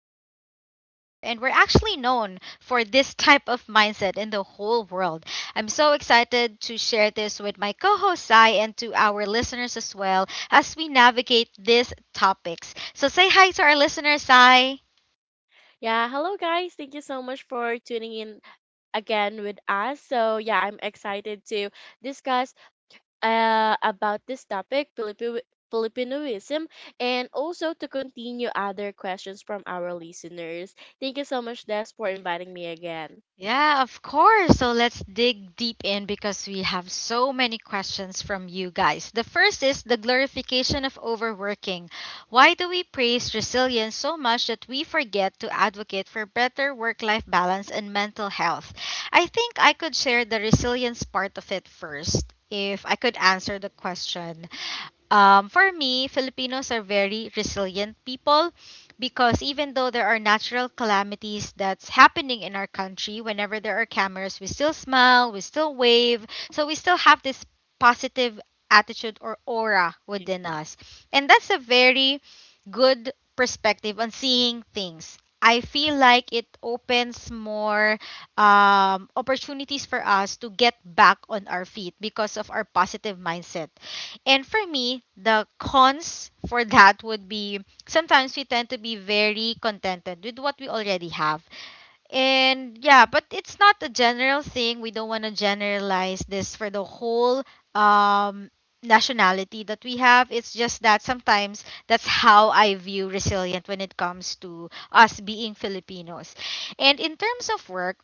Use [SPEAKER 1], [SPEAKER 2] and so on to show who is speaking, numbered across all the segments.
[SPEAKER 1] mindset that we have, and we're actually known for this type of mindset in the whole world. I'm so excited to share this with my co-host Sai and to our listeners as well as we navigate these topics. So say hi to our listeners, Sai.
[SPEAKER 2] Yeah, hello guys. Thank you so much for tuning in again with us. So, yeah, I'm excited to discuss about this topic, Filipinoism, and also to continue other questions from our listeners. Thank you so much, Des, for inviting me again.
[SPEAKER 1] Yeah, of course. So let's dig deep in because we have so many questions from you guys. The first is the glorification of overworking. Why do we praise resilience so much that we forget to advocate for better work life balance and mental health? I think I could share the resilience part of it first if I could answer the question. For me, Filipinos are very resilient people because even though there are natural calamities that's happening in our country, whenever there are cameras, we still smile, we still wave. So we still have this positive attitude or aura
[SPEAKER 2] Yeah.
[SPEAKER 1] within us. And that's a very good perspective on seeing things. I feel like it opens more opportunities for us to get back on our feet because of our positive mindset. And for me, the cons for that would be sometimes we tend to be very contented with what we already have. And yeah, but it's not a general thing. We don't want to generalize this for the whole um, nationality that we have. It's just that sometimes that's how I view resilient when it comes to us being Filipinos. And in terms of work,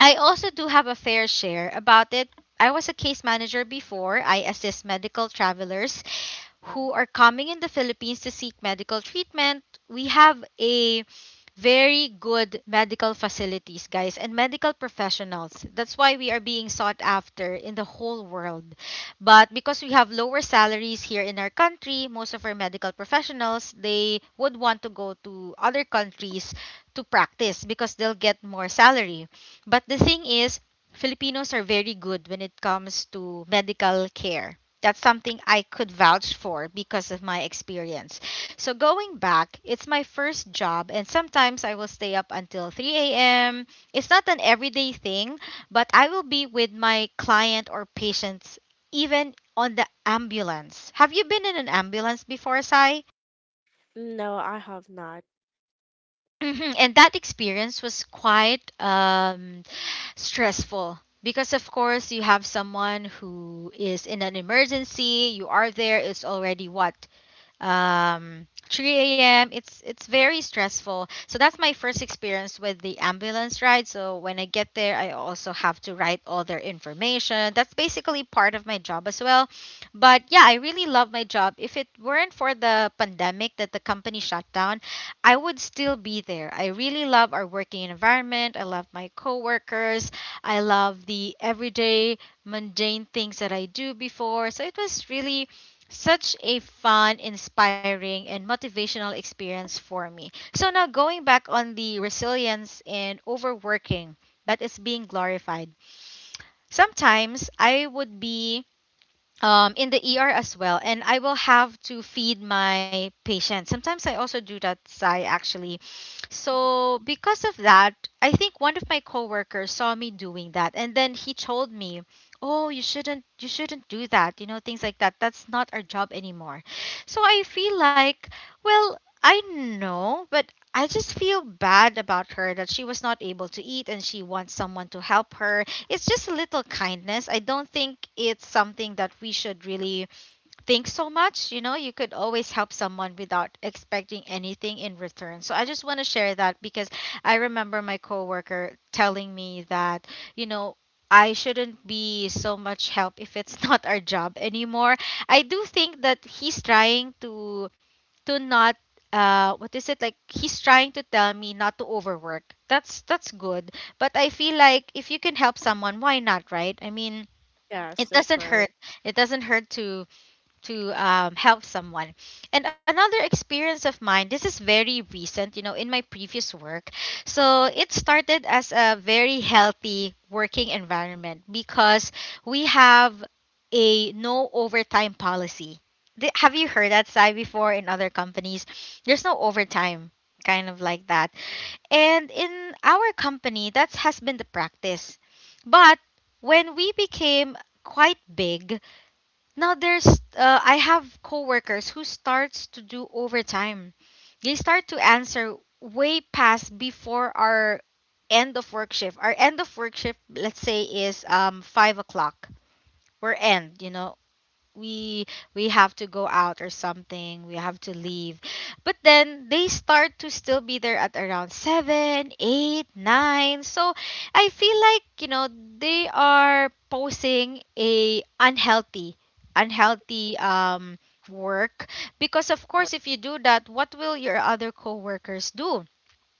[SPEAKER 1] I also do have a fair share about it. I was a case manager before. I assist medical travelers
[SPEAKER 2] Mhm.
[SPEAKER 1] who are coming in the Philippines to seek medical treatment. We have a very good medical facilities, guys, and medical professionals. That's why we are being sought after in the whole world. But because we have lower salaries here in our country, most of our medical professionals, they would want to go to other countries to practice because they'll get more salary. But the thing is, Filipinos are very good when it comes to medical care. That's something I could vouch for because of my experience. So going back, it's my first job, and sometimes I will stay up until 3 a.m. It's not an everyday thing, but I will be with my client or patients even on the ambulance. Have you been in an ambulance before, Sai?
[SPEAKER 2] No, I have not.
[SPEAKER 1] Mhm. And that experience was quite stressful because of course you have someone who is in an emergency, you are there, it's already what, 3 a.m. It's very stressful. So that's my first experience with the ambulance ride. So when I get there, I also have to write all their information. That's basically part of my job as well. But yeah, I really love my job. If it weren't for the pandemic that the company shut down, I would still be there. I really love our working environment. I love my coworkers. I love the everyday mundane things that I do before. So it was really such a fun, inspiring, and motivational experience for me. So now going back on the resilience and overworking that is being glorified. Sometimes I would be in the ER as well, and I will have to feed my patients. Sometimes I also do that, Sai, actually.
[SPEAKER 2] Mhm.
[SPEAKER 1] So because of that, I think one of my coworkers saw me doing that, and then he told me, "Oh, you shouldn't do that, you know, things like that. That's not our job anymore." So I feel like, well, I know, but I just feel bad about her that she was not able to eat and she wants someone to help her. It's just a little kindness. I don't think it's something that we should really think so much. You know, you could always help someone without expecting anything in return. So I just want to share that because I remember my coworker telling me that, you know, I shouldn't be so much help if it's not our job anymore. I do think that he's trying to not what is it, like, he's trying to tell me not to overwork. That's good, but I feel like if you can help someone, why not, right? I mean,
[SPEAKER 2] Yes,
[SPEAKER 1] it
[SPEAKER 2] that's
[SPEAKER 1] doesn't
[SPEAKER 2] right.
[SPEAKER 1] hurt, it doesn't hurt to help someone. And another experience of mine, this is very recent, you know, in my previous work. So it started as a very healthy working environment because we have a no overtime policy. Have you heard that side before in other companies? There's no overtime, kind of like that. And in our company, that has been the practice. But when we became quite big, now there's I have coworkers who starts to do overtime. They start to answer way past before our end of work shift. Our end of work shift, let's say, is 5 o'clock. We're end, you know, we we have to go out or something, we have to leave, but then they start to still be there at around 7, 8, 9. So I feel like, you know, they are posing a unhealthy, unhealthy work, because of
[SPEAKER 2] Or,
[SPEAKER 1] course if you do that, what will your other coworkers do?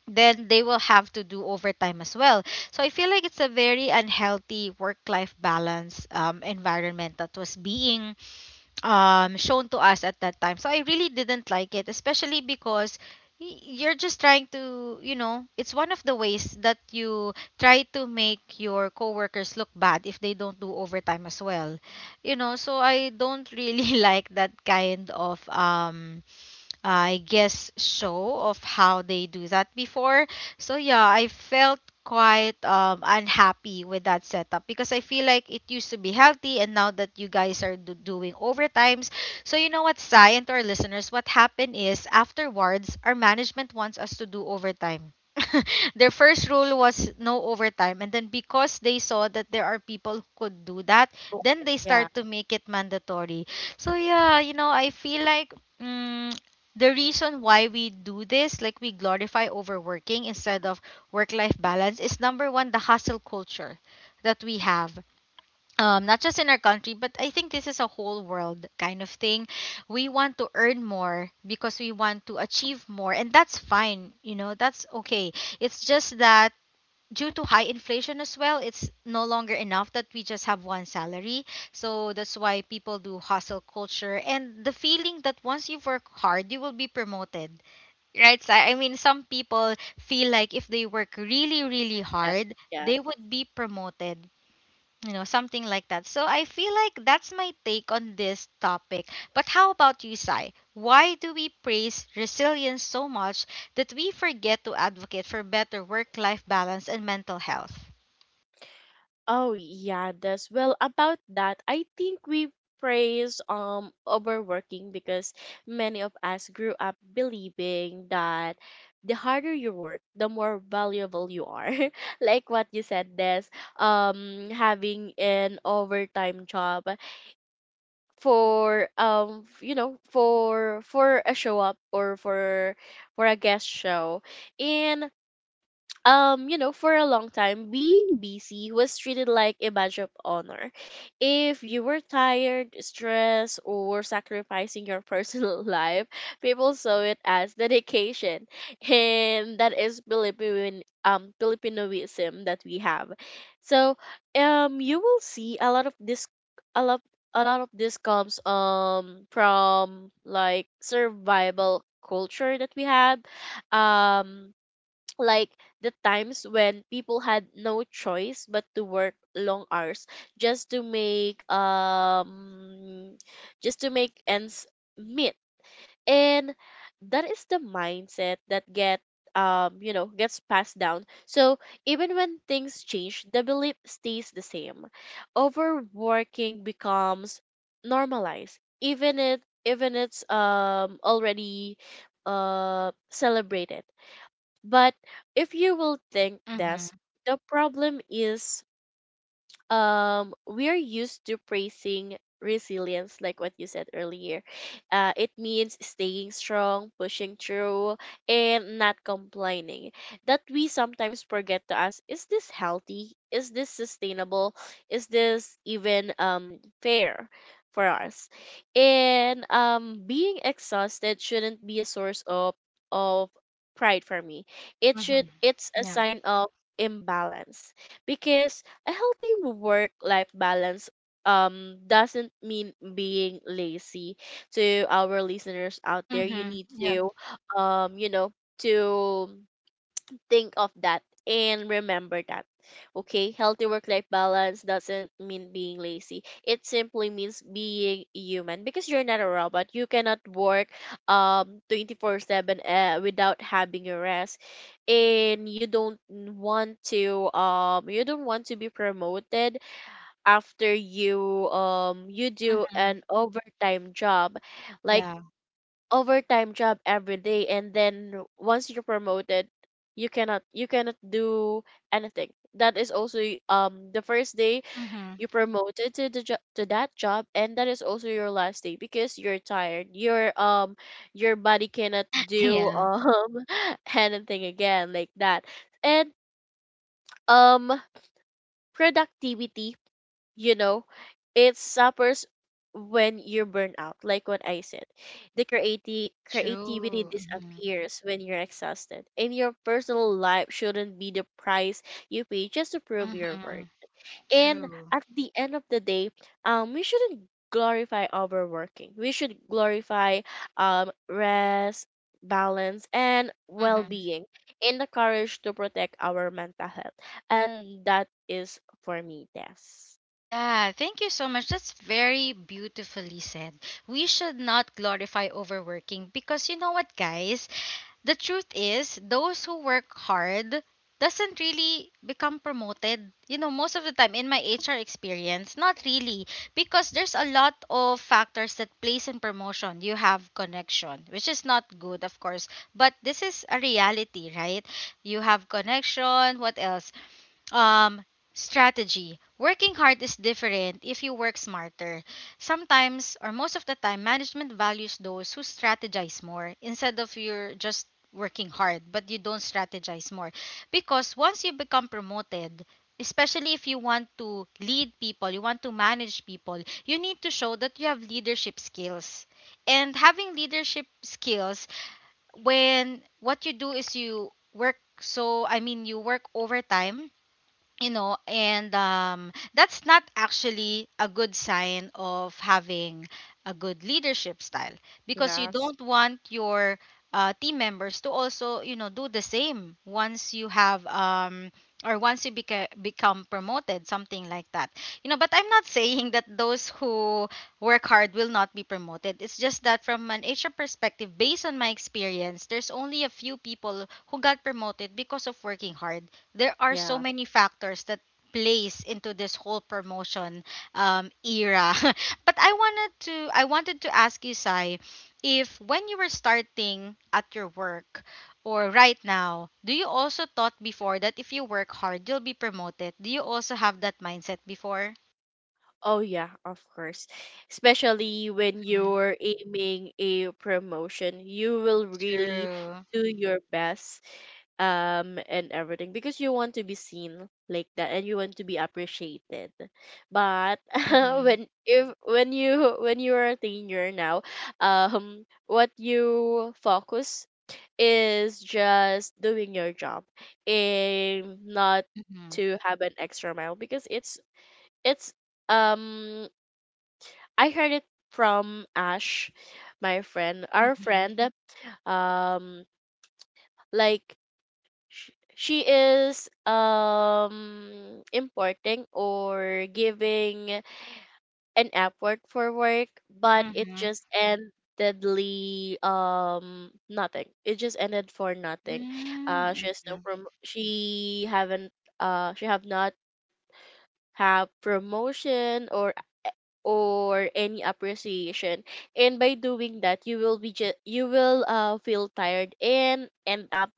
[SPEAKER 1] Then they will have to do overtime as well. So I feel like it's a very unhealthy work life balance environment that was being shown to us at that time. So I really didn't like it, especially because you're just trying to, you know, it's one of the ways that you try to make your coworkers look bad if they don't do overtime as well. You know, so I don't really like that kind of I guess show of how they do that before. So yeah, I felt quite unhappy with that setup because I feel like it used to be healthy and now that you guys are doing overtimes. So you know what, Sai and to our listeners, what happened is afterwards our management wants us to do overtime. Their first rule was no overtime, and then because they saw that there are people who could do that,
[SPEAKER 2] oh,
[SPEAKER 1] then they
[SPEAKER 2] yeah,
[SPEAKER 1] start to make it mandatory. So yeah, you know, I feel like mm, the reason why we do this, like we glorify overworking instead of work life balance, is number one, the hustle culture that we have. Not just in our country, but I think this is a whole world kind of thing. We want to earn more because we want to achieve more, and that's fine, you know, that's okay. It's just that due to high inflation as well, it's no longer enough that we just have one salary. So that's why people do hustle culture, and the feeling that once you work hard, you will be promoted, right? So I mean, some people feel like if they work really, really
[SPEAKER 2] yes,
[SPEAKER 1] hard,
[SPEAKER 2] yes.
[SPEAKER 1] they would be promoted, you know, something like that. So I feel like that's my take on this topic. But how about you, Sai? Why do we praise resilience so much that we forget to advocate for better work life balance and mental health?
[SPEAKER 2] Oh yeah, this well about that. I think we praise overworking because many of us grew up believing that the harder you work, the more valuable you are. Like what you said, this having an overtime job for you know for a show up or for a guest show, and you know, for a long time, being busy was treated like a badge of honor. If you were tired, stressed, or sacrificing your personal life, people saw it as dedication, and that is Philippine Filipinoism that we have. So, you will see a lot of this, a lot, a lot of this comes from like survival culture that we have um like the times when people had no choice but to work long hours just to make just to make ends meet. And that is the mindset that get you know gets passed down. So even when things change, the belief stays the same. Overworking becomes normalized, even it's already celebrated. But if you will think
[SPEAKER 1] Mhm.
[SPEAKER 2] this, the problem is we're used to praising resilience, like what you said earlier. It means staying strong, pushing through and not complaining, that we sometimes forget to ask, is this healthy? Is this sustainable? Is this even fair for us? And being exhausted shouldn't be a source of pride for me. It should,
[SPEAKER 1] Mhm.
[SPEAKER 2] it's a
[SPEAKER 1] Yeah.
[SPEAKER 2] sign of imbalance, because a healthy work-life balance doesn't mean being lazy. To our listeners out there, you
[SPEAKER 1] Mhm.
[SPEAKER 2] need
[SPEAKER 1] Yeah.
[SPEAKER 2] to you know to think of that and remember that. Okay, healthy work life balance doesn't mean being lazy. It simply means being human, because you're not a robot. You cannot work 24/7 without having your rest. And you don't want to you don't want to be promoted after you you do
[SPEAKER 1] Mhm.
[SPEAKER 2] an overtime job, like
[SPEAKER 1] Yeah.
[SPEAKER 2] overtime job every day. And then once you're promoted, you cannot do anything. That is also the first day
[SPEAKER 1] Mhm.
[SPEAKER 2] you promoted to to that job, and that is also your last day because you're tired, your body cannot do
[SPEAKER 1] Yeah.
[SPEAKER 2] anything again, like that. And um productivity, you know, it suffers when you burn out. Like what I said,
[SPEAKER 1] True.
[SPEAKER 2] creativity
[SPEAKER 1] Mhm.
[SPEAKER 2] disappears when you're exhausted, and your personal life shouldn't be the price you pay just to prove your worth.
[SPEAKER 1] Mhm.
[SPEAKER 2] And
[SPEAKER 1] True.
[SPEAKER 2] at the end of the day, we shouldn't glorify overworking. We should glorify rest, balance, and
[SPEAKER 1] Hmm.
[SPEAKER 2] well-being, and the courage to protect our mental health. And that is for me, yes.
[SPEAKER 1] Yeah, thank you so much. That's very beautifully said. We should not glorify overworking, because you know what, guys? The truth is, those who work hard doesn't really become promoted. You know, most of the time in my HR experience, not really, because there's a lot of factors that plays in promotion. You have connection, which is not good, of course, but this is a reality, right? You have connection, what else? Um, Strategy. Working hard is different if you work smarter. Sometimes, or most of the time, management values those who strategize more instead of you're just working hard but you don't strategize more. Because once you become promoted, especially if you want to lead people, you want to manage people, you need to show that you have leadership skills. And having leadership skills, when what you do is you work so you work overtime you know and that's not actually a good sign of having a good leadership style because you
[SPEAKER 2] Yes.
[SPEAKER 1] don't want your team members to also do the same once you have or once you become promoted something like that you know. But I'm not saying that those who work hard will not be promoted. It's just that from an HR perspective, based on my experience, there's only a few people who got promoted because of working hard. There are so
[SPEAKER 2] Yeah.
[SPEAKER 1] many factors that plays into this whole promotion era. But I wanted to ask you, Sai, if when you were starting at your work or right now, do you also thought before that if you work hard, you'll be promoted? Do you also have that mindset before?
[SPEAKER 2] Oh, yeah, of course. Especially when
[SPEAKER 1] Mm,
[SPEAKER 2] you're aiming a promotion, you will really
[SPEAKER 1] true.
[SPEAKER 2] do your best and everything, because you want to be seen like that and you want to be appreciated. But
[SPEAKER 1] Mm-hmm.
[SPEAKER 2] when if when you when you are a teenager now, what you focus is just doing your job and not
[SPEAKER 1] Mm-hmm.
[SPEAKER 2] to have an extra mile, because it's it's um I heard it from Ash, my friend, our
[SPEAKER 1] Mm-hmm.
[SPEAKER 2] friend. Um, like she is importing or giving an Upwork for work, but it
[SPEAKER 1] Mm-hmm.
[SPEAKER 2] just endedly nothing. It just ended for nothing. She has
[SPEAKER 1] Mm-hmm.
[SPEAKER 2] no prom. She have not have promotion or any appreciation. And by doing that, you will be you will feel tired and end up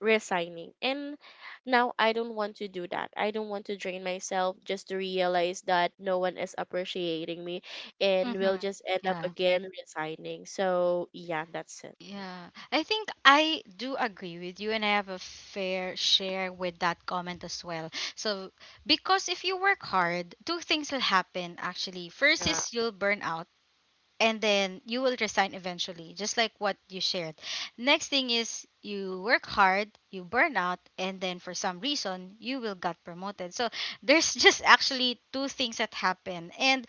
[SPEAKER 2] resigning. And now I don't want to do that. I don't want to drain myself just to realize that no one is appreciating me and
[SPEAKER 1] Mm-hmm.
[SPEAKER 2] will just end up
[SPEAKER 1] Yeah.
[SPEAKER 2] again resigning. So yeah, that's it.
[SPEAKER 1] Yeah, I think I do agree with you, and I have a fair share with that comment as well. So, because if you work hard, two things will happen actually. First
[SPEAKER 2] Yeah.
[SPEAKER 1] is you'll burn out, and then you will resign eventually, just like what you shared. Next thing is you work hard, you burn out, and then for some reason, you will get promoted. So, there's just actually two things that happen. And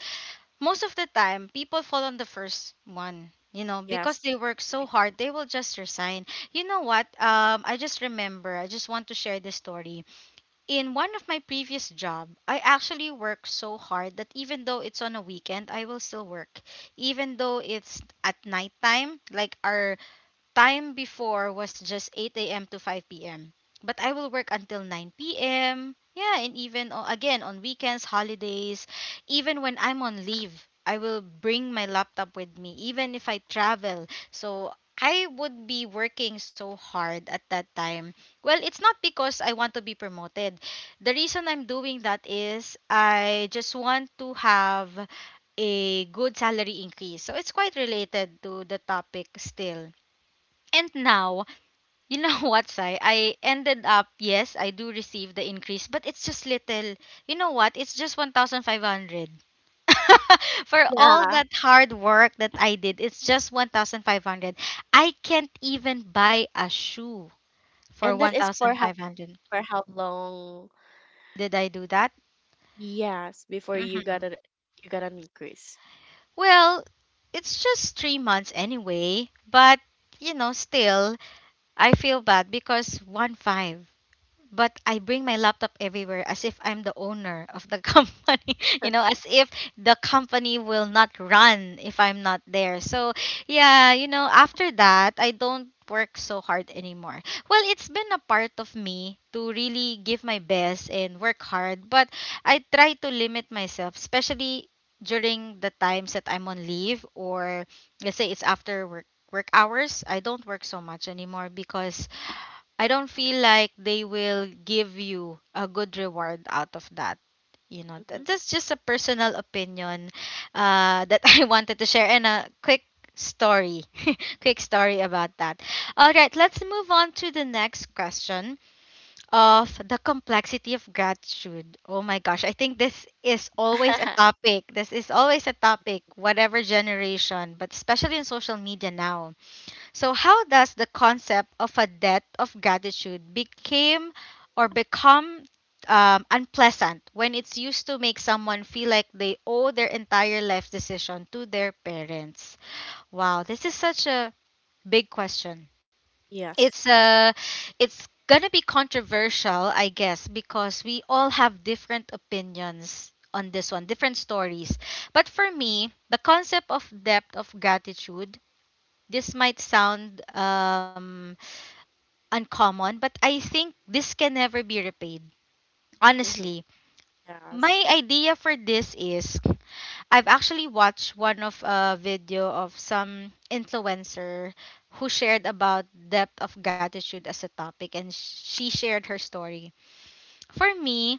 [SPEAKER 1] most of the time people fall on the first one, you know,
[SPEAKER 2] Yes,
[SPEAKER 1] because they work so
[SPEAKER 2] right.
[SPEAKER 1] hard they will just resign. You know what I just remember, I just want to share this story. In one of my previous job, I actually work so hard that even though it's on a weekend, I will still work, even though it's at night time. Like our time before was just 8 a.m. to 5 p.m. But I will work until 9 p.m. Yeah, and even again on weekends, holidays, even when I'm on leave, I will bring my laptop with me, even if I travel. So I would be working so hard at that time. Well, it's not because I want to be promoted. The reason I'm doing that is I just want to have a good salary increase. So it's quite related to the topic still. And now, you know what, Sai? I ended up, yes, I do receive the increase, but it's just little. You know what? It's just 1,500. For all
[SPEAKER 2] Yeah.
[SPEAKER 1] that hard work that I did, it's just 1,500. I can't even buy a shoe for
[SPEAKER 2] And that is for how,
[SPEAKER 1] 1,500.
[SPEAKER 2] for how long?
[SPEAKER 1] Did I do that?
[SPEAKER 2] Yes, before you got
[SPEAKER 1] Hmm.
[SPEAKER 2] an, you got an increase.
[SPEAKER 1] Well, it's just 3 months anyway, but you know, still, I feel bad because one five. But I bring my laptop everywhere as if I'm the owner of the company, you know, as if the company will not run if I'm not there. So, yeah, you know, after that, I don't work so hard anymore. Well, it's been a part of me to really give my best and work hard, but I try to limit myself, especially during the times that I'm on leave, or let's say it's after work hours. I don't work so much anymore because I don't feel like they will give you a good reward out of that. You know,
[SPEAKER 2] Mhm.
[SPEAKER 1] that's just a personal opinion that I wanted to share, and a quick story, quick story about that. All right, let's move on to the next question of the complexity of gratitude. Oh my gosh, I think this is always a topic. This is always a topic, whatever generation, but especially in social media now. So how does the concept of a debt of gratitude became or become unpleasant when it's used to make someone feel like they owe their entire life decision to their parents? Wow, this is such a big question.
[SPEAKER 2] Yes.
[SPEAKER 1] It's uh, it's gonna be controversial, I guess, because we all have different opinions on this one, different stories. But for me, the concept of depth of gratitude, this might sound uncommon, but I think this can never be repaid.
[SPEAKER 2] Mm-hmm.
[SPEAKER 1] Honestly, my
[SPEAKER 2] Yes.
[SPEAKER 1] idea for this is I've actually watched one of a video of some influencer who shared about depth of gratitude as a topic, and she shared her story. For me,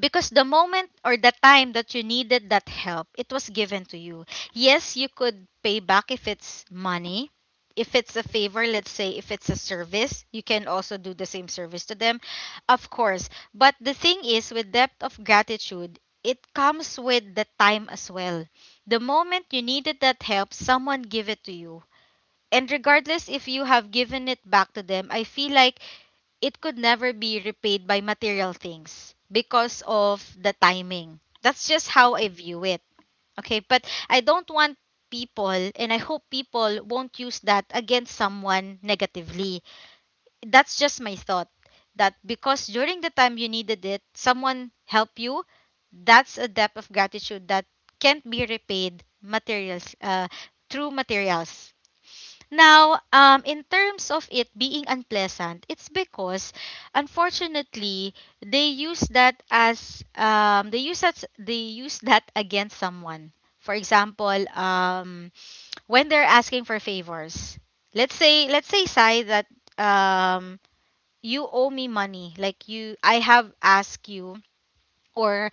[SPEAKER 1] because the moment or the time that you needed that help, it was given to you. Yes, you could pay back if it's money. If it's a favor, let's say if it's a service, you can also do the same service to them, of course. But the thing is, with depth of gratitude, it comes with the time as well. The moment you needed that help, someone give it to you. And regardless if you have given it back to them, I feel like it could never be repaid by material things because of the timing. That's just
[SPEAKER 2] Yes.
[SPEAKER 1] how I view it. Okay, but I don't want people, and I hope people won't use that against someone negatively. That's just my thought, that because during the time you needed it, someone helped you, that's a debt of gratitude that can't be repaid materials through materials Now, in terms of it being unpleasant, it's because, unfortunately, they use that against someone. For example, when they're asking for favors, let's say, Sai, that um, you owe me money, like you I have asked you, or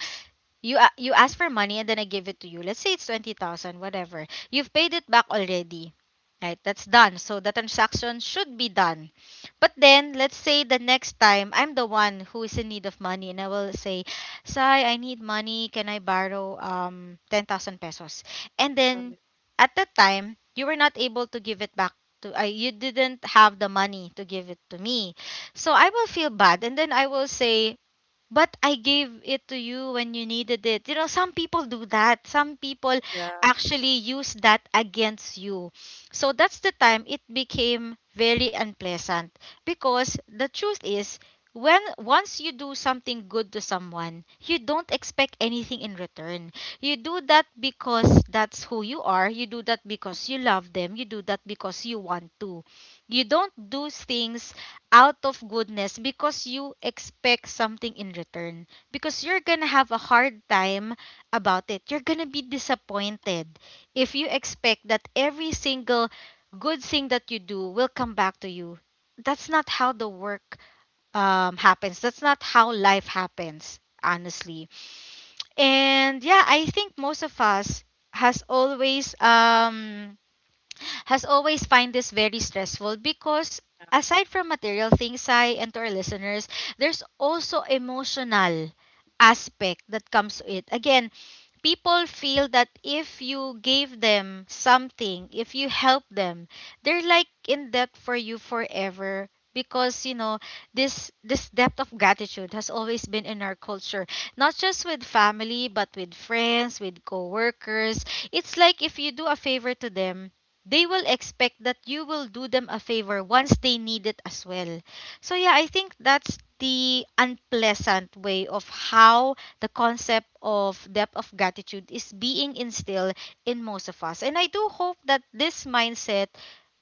[SPEAKER 1] you ask for money and then I give it to you. Let's say it's 20,000, whatever. You've paid it back already. Right? That's done. So the transaction should be done. But then let's say the next time I'm the one who is in need of money and I will say, "Sai, I need money. Can I borrow 10,000 pesos?" And
[SPEAKER 2] Um,
[SPEAKER 1] then at that time, you were not able to give it back to I you didn't have the money to give it to me. So I will feel bad and then I will say, but I gave it to you when you needed it. You know, some people do that. Some people
[SPEAKER 2] yeah.
[SPEAKER 1] actually use that against you. So that's the time it became very unpleasant because the truth is, when once you do something good to someone, you don't expect anything in return. You do that because that's who you are. You do that because you love them. You do that because you want to. You don't do things out of goodness because you expect something in return, because you're gonna have a hard time about it, you're gonna be disappointed if you expect that every single good thing that you do will come back to you. That's not how the work happens. That's not how life happens, honestly. And yeah, I think most of us has always um has always find this very stressful because aside from material things, I and to our listeners, there's also emotional aspect that comes to it. Again, people feel that if you gave them something, if you help them, they're like in debt for you forever because you know this depth of gratitude has always been in our culture, not just with family, but with friends, with co-workers. It's like if you do a favor to them, they will expect that you will do them a favor once they need it as well. So yeah, I think that's the unpleasant way of how the concept of depth of gratitude is being instilled in most of us. And I do hope that this mindset,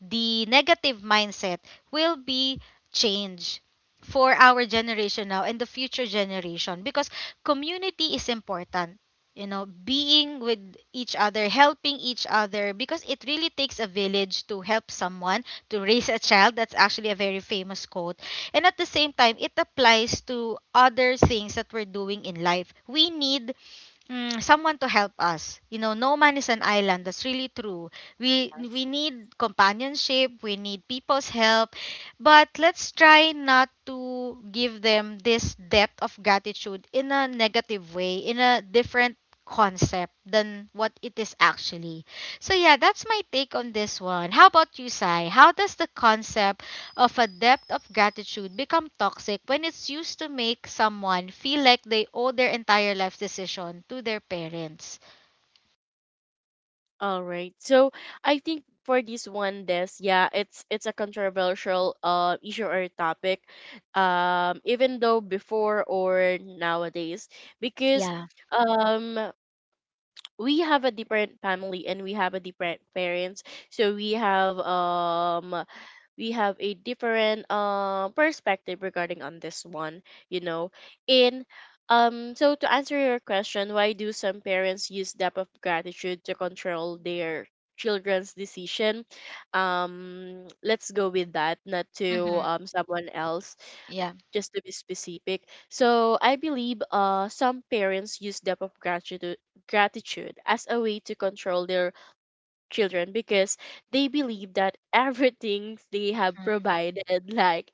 [SPEAKER 1] the negative mindset, will be changed for our generation now and the future generation, because community is important, you know, being with each other, helping each other, because it really takes a village to help someone, to raise a child. That's actually a very famous quote. And at the same time, it applies to other things that we're doing in life. We need someone to help us. You know, no man is an island. That's really true. We
[SPEAKER 2] Yes.
[SPEAKER 1] we need companionship. We need people's help, but let's try not to give them this depth of gratitude in a negative way, in a different concept than what it is actually. So yeah, that's my take on this one. How about you, Sai? How does the concept of a debt of gratitude become toxic when it's used to make someone feel like they owe their entire life decision to their parents?
[SPEAKER 2] All right. So I think for this one, this, yeah, it's a controversial issue or topic, even though before or nowadays, because
[SPEAKER 1] Yeah.
[SPEAKER 2] um we have a different family and we have a different parents, so we have a different perspective regarding on this one, you know. In So to answer your question, why do some parents use depth of gratitude to control their children's decision, let's go with that, not to
[SPEAKER 1] Mm-hmm.
[SPEAKER 2] someone else,
[SPEAKER 1] Yeah.
[SPEAKER 2] just to be specific. So I believe some parents use depth of gratitude as a way to control their children, because they believe that everything they have provided, like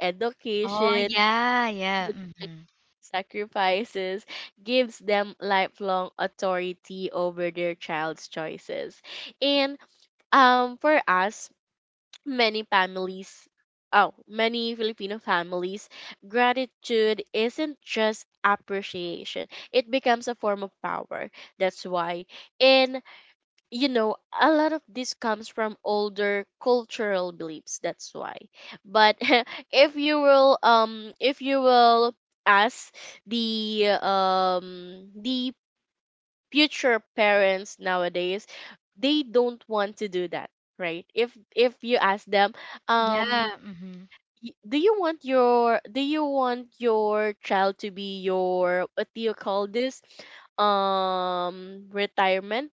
[SPEAKER 1] Oh
[SPEAKER 2] education,
[SPEAKER 1] yeah, yeah.
[SPEAKER 2] food,
[SPEAKER 1] Mm-hmm.
[SPEAKER 2] sacrifices, gives them lifelong authority over their child's choices. And for us, many families, oh, many Filipino families, gratitude isn't just appreciation; it becomes a form of power. That's why. In You know, a lot of this comes from older cultural beliefs. That's why. But if you will ask the future parents nowadays, they don't want to do that, right? If you ask them,
[SPEAKER 1] Yeah.
[SPEAKER 2] um,
[SPEAKER 1] Mm-hmm.
[SPEAKER 2] do you want your, do you want your child to be your, what do you call this, retirement,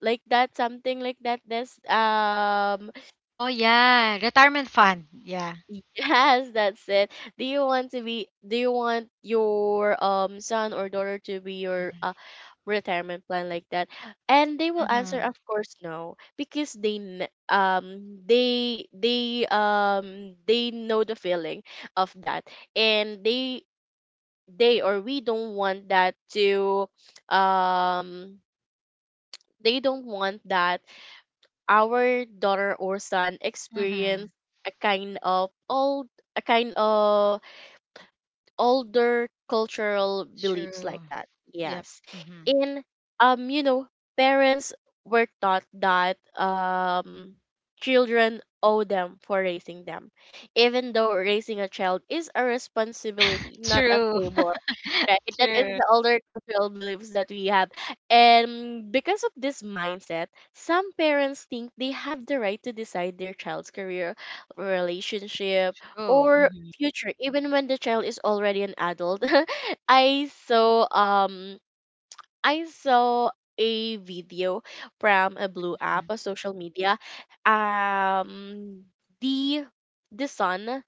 [SPEAKER 2] like that, something like that, this
[SPEAKER 1] Oh yeah, retirement fund. Yeah.
[SPEAKER 2] yes, that's it. Do you want to be, do you want your son or daughter to be your retirement plan, like that? And they will answer
[SPEAKER 1] Mm-hmm.
[SPEAKER 2] of course no, because they they know the feeling of that. And they or we don't want that to, um they don't want that our daughter or son
[SPEAKER 1] Mm-hmm.
[SPEAKER 2] experience a kind of old, a kind of older cultural beliefs
[SPEAKER 1] True.
[SPEAKER 2] like that.
[SPEAKER 1] Yep.
[SPEAKER 2] Yes.
[SPEAKER 1] Mm-hmm.
[SPEAKER 2] in You know, parents were taught that children owe them for raising them, even though raising a child is a responsibility, not a
[SPEAKER 1] True.
[SPEAKER 2] favor. Right, that is
[SPEAKER 1] True.
[SPEAKER 2] the older cultural beliefs that we have. And because of this mindset, some parents think they have the right to decide their child's career, relationship,
[SPEAKER 1] True.
[SPEAKER 2] or
[SPEAKER 1] Mm-hmm.
[SPEAKER 2] future, even when the child is already an adult. I saw I saw a video from a blue app, a social media. Um the the son,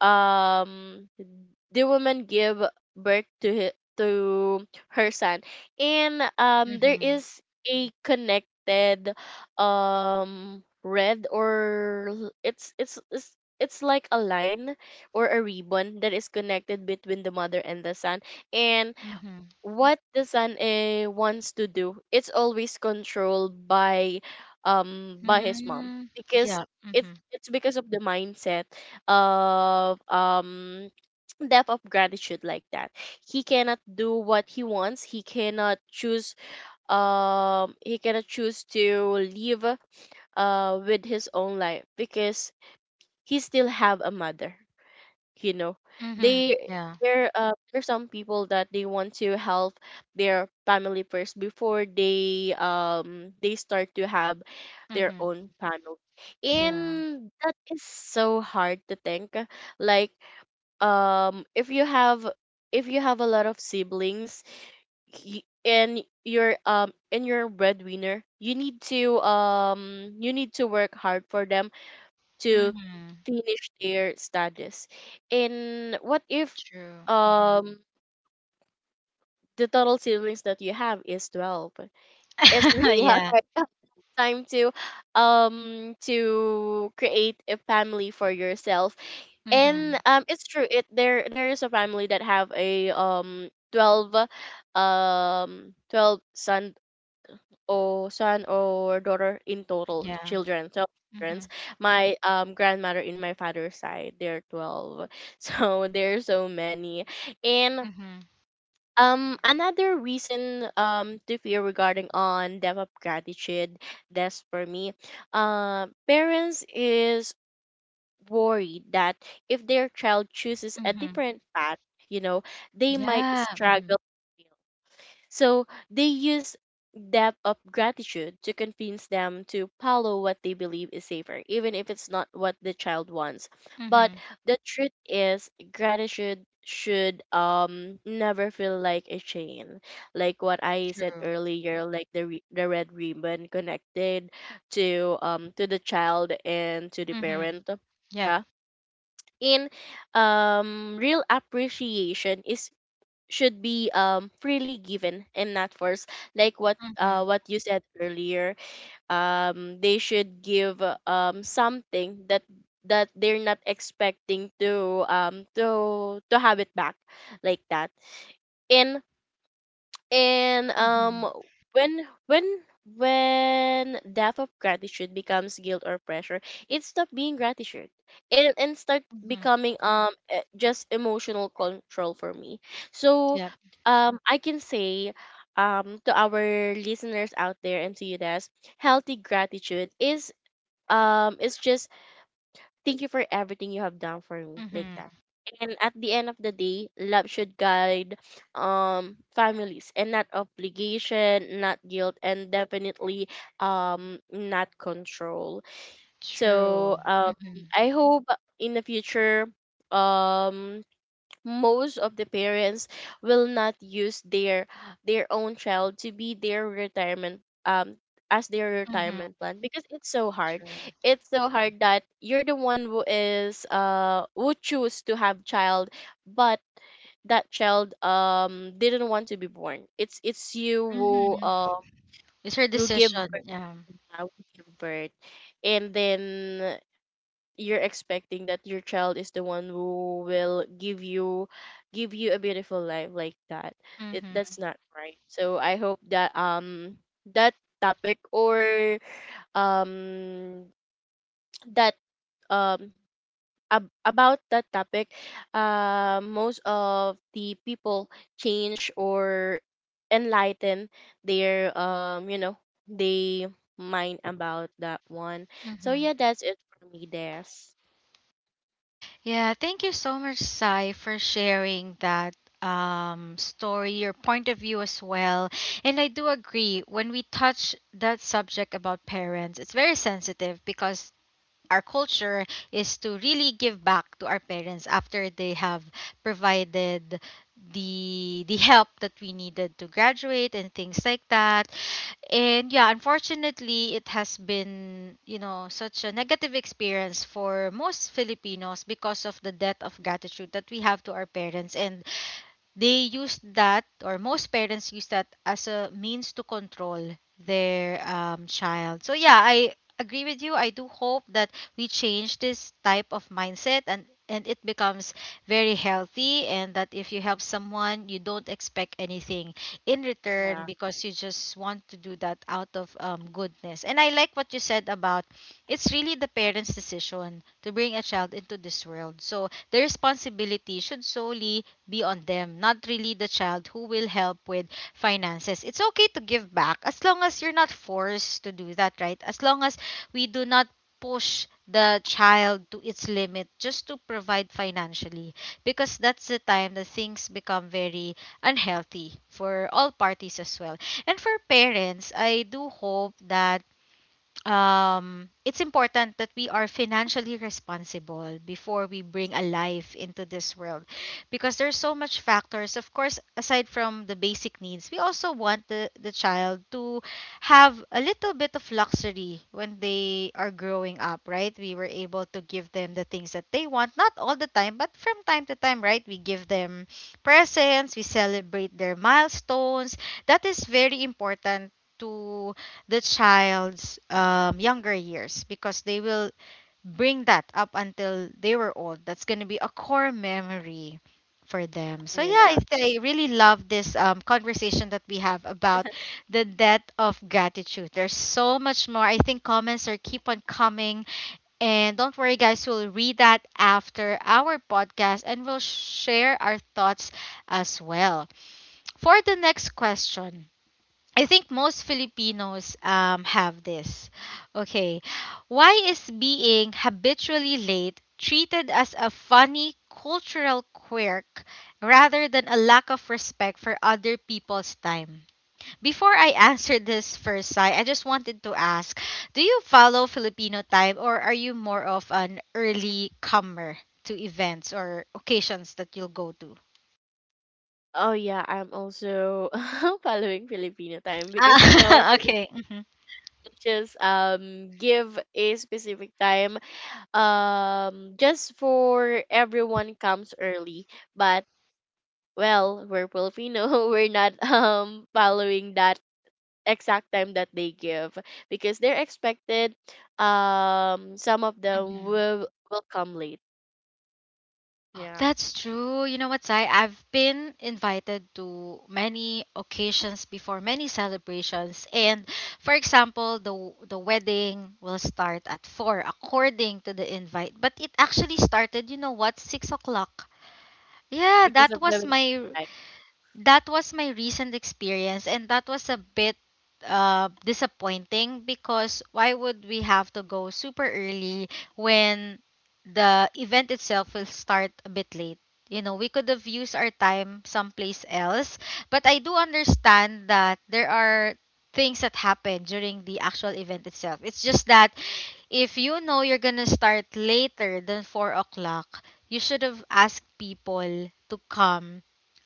[SPEAKER 2] um the woman give birth to hi to her son. And there
[SPEAKER 1] Mm-hmm.
[SPEAKER 2] is a connected red or it's it's like a line or a ribbon that is connected between the mother and the son. And
[SPEAKER 1] Mm-hmm.
[SPEAKER 2] what the son wants to do, it's always controlled by his mom,
[SPEAKER 1] Mm-hmm.
[SPEAKER 2] because
[SPEAKER 1] Yeah.
[SPEAKER 2] it
[SPEAKER 1] Mm-hmm.
[SPEAKER 2] it's because of the mindset of depth of gratitude like that. He cannot do what he wants, he cannot choose, he cannot choose to live with his own life, because he still have a mother, you know.
[SPEAKER 1] Mm-hmm.
[SPEAKER 2] They
[SPEAKER 1] Yeah.
[SPEAKER 2] There there's some people that they want to help their family first before they start to have their
[SPEAKER 1] Mm-hmm.
[SPEAKER 2] own family.
[SPEAKER 1] Yeah.
[SPEAKER 2] And that is so hard to think. Like if you have, if you have a lot of siblings, and you're a breadwinner, you need to work hard for them to
[SPEAKER 1] Mhm.
[SPEAKER 2] finish their studies. And what if
[SPEAKER 1] True. Mhm.
[SPEAKER 2] um the total siblings that you have is 12? It's really hard
[SPEAKER 1] Yeah.
[SPEAKER 2] right now. Time to create a family for yourself. And
[SPEAKER 1] Mhm.
[SPEAKER 2] it's true, it there there is a family that have a um 12 son, or son or daughter, in total
[SPEAKER 1] Yeah.
[SPEAKER 2] children 12 children.
[SPEAKER 1] Mhm.
[SPEAKER 2] My grandmother in my father's side, they're 12. So there's so many. And
[SPEAKER 1] Mhm.
[SPEAKER 2] another reason to fear regarding on debt of gratitude, that's for me, parents is worried that if their child chooses a
[SPEAKER 1] Mhm.
[SPEAKER 2] different path, you know, they might
[SPEAKER 1] Yeah. Mhm.
[SPEAKER 2] struggle. So they use depth of gratitude to convince them to follow what they believe is safer, even if it's not what the child wants. But
[SPEAKER 1] Mhm.
[SPEAKER 2] the truth is, gratitude should never feel like a chain, like what I said
[SPEAKER 1] True.
[SPEAKER 2] earlier, like the red ribbon connected to the child and to the
[SPEAKER 1] Mhm.
[SPEAKER 2] parent.
[SPEAKER 1] Yep.
[SPEAKER 2] Yeah. in real appreciation is should be freely given and not forced, like
[SPEAKER 1] Mhm.
[SPEAKER 2] what you said earlier. They should give something that, that they're not expecting to to have it back, like that. And and um
[SPEAKER 1] Mhm.
[SPEAKER 2] when when when death of gratitude becomes guilt or pressure, it stop being gratitude and start
[SPEAKER 1] Mhm.
[SPEAKER 2] becoming just emotional control for me. So
[SPEAKER 1] Yep.
[SPEAKER 2] um I can say to our listeners out there and to you guys, healthy gratitude is it's just thank you for everything you have done for me, like
[SPEAKER 1] Mhm.
[SPEAKER 2] that. And at the end of the day, love should guide families and not obligation, not guilt, and definitely not control. So
[SPEAKER 1] True.
[SPEAKER 2] um
[SPEAKER 1] Mhm.
[SPEAKER 2] I hope in the future um most of the parents will not use their own child to be their retirement, as their
[SPEAKER 1] Mhm.
[SPEAKER 2] retirement plan, because it's so hard.
[SPEAKER 1] True.
[SPEAKER 2] It's so hard that you're the one who is who choose to have child, but that child didn't want to be born. It's you who
[SPEAKER 1] Mhm. It's her
[SPEAKER 2] who give
[SPEAKER 1] decision.
[SPEAKER 2] birth,
[SPEAKER 1] Yeah.
[SPEAKER 2] give birth. And then you're expecting that your child is the one who will give you a beautiful life, like that. It
[SPEAKER 1] Mhm.
[SPEAKER 2] That's not right. So I hope that that topic, or um that um about that topic, most of the people change or enlighten their they mind about that one. So yeah,
[SPEAKER 1] Mhm.
[SPEAKER 2] that's it for me, Des.
[SPEAKER 1] Yeah, thank you so much, Sai, for sharing that story, your point of view as well. And I do agree, when we touch that subject about parents, it's very sensitive because our culture is to really give back to our parents after they have provided the help that we needed to graduate and things like that. And yeah, unfortunately, it has been, such a negative experience for most Filipinos because of the debt of gratitude that we have to our parents, and they used that, or most parents use that as a means to control their child. So yeah, I agree with you. I do hope that we change this type of mindset, and it becomes very healthy, and that if you help someone, you don't expect anything in return
[SPEAKER 2] Yeah.
[SPEAKER 1] because you just want to do that out of goodness. And I like what you said about it's really the parents' decision to bring a child into this world, so the responsibility should solely be on them, not really the child who will help with finances. It's okay to give back as long as you're not forced to do that, right? As long as we do not push the child to its limit just to provide financially, because that's the time that things become very unhealthy for all parties as well. And for parents, I do hope that it's important that we are financially responsible before we bring a life into this world, because there's so much factors. Of course, aside from the basic needs, we also want the child to have a little bit of luxury when they are growing up, right? We were able to give them the things that they want, not all the time, but from time to time. Right, we give them presents, we celebrate their milestones. That is very important to the child's younger years, because they will bring that up until they were old. That's going to be a core memory for them. So yeah, I,
[SPEAKER 2] Yeah.
[SPEAKER 1] I really love this conversation that we have about the debt of gratitude. There's so much more. I think comments are keep on coming. And don't worry, guys, we'll read that after our podcast and we'll share our thoughts as well. For the next question, I think most Filipinos have this. Okay. Why is being habitually late treated as a funny cultural quirk rather than a lack of respect for other people's time? Before I answer this first, Sai, I just wanted to ask, do you follow Filipino time, or are you more of an early comer to events or occasions that you'll go to?
[SPEAKER 2] Oh yeah, I'm also following Filipino time, because you know
[SPEAKER 1] Ah,
[SPEAKER 2] Filipino
[SPEAKER 1] okay.
[SPEAKER 2] just give a specific time, just for everyone comes early. But well, we're Filipino, we're not following that exact time that they give, because they're expected. Some of them
[SPEAKER 1] Hmm.
[SPEAKER 2] will come late, yeah.
[SPEAKER 1] That's true. You know what, Sai? I've been invited to many occasions before, many celebrations. And for example, the wedding will start at four according to the invite. But it actually started, you know what, 6 o'clock. Yeah,
[SPEAKER 2] Because of
[SPEAKER 1] that
[SPEAKER 2] the
[SPEAKER 1] was
[SPEAKER 2] waiting
[SPEAKER 1] my
[SPEAKER 2] time.
[SPEAKER 1] that was my recent experience, and that was a bit disappointing, because why would we have to go super early when the event itself will start a bit late? You know, we could have used our time someplace else. But I do understand that there are things that happen during the actual event itself. It's just that if you know you're gonna start later than 4 o'clock, you should have asked people to come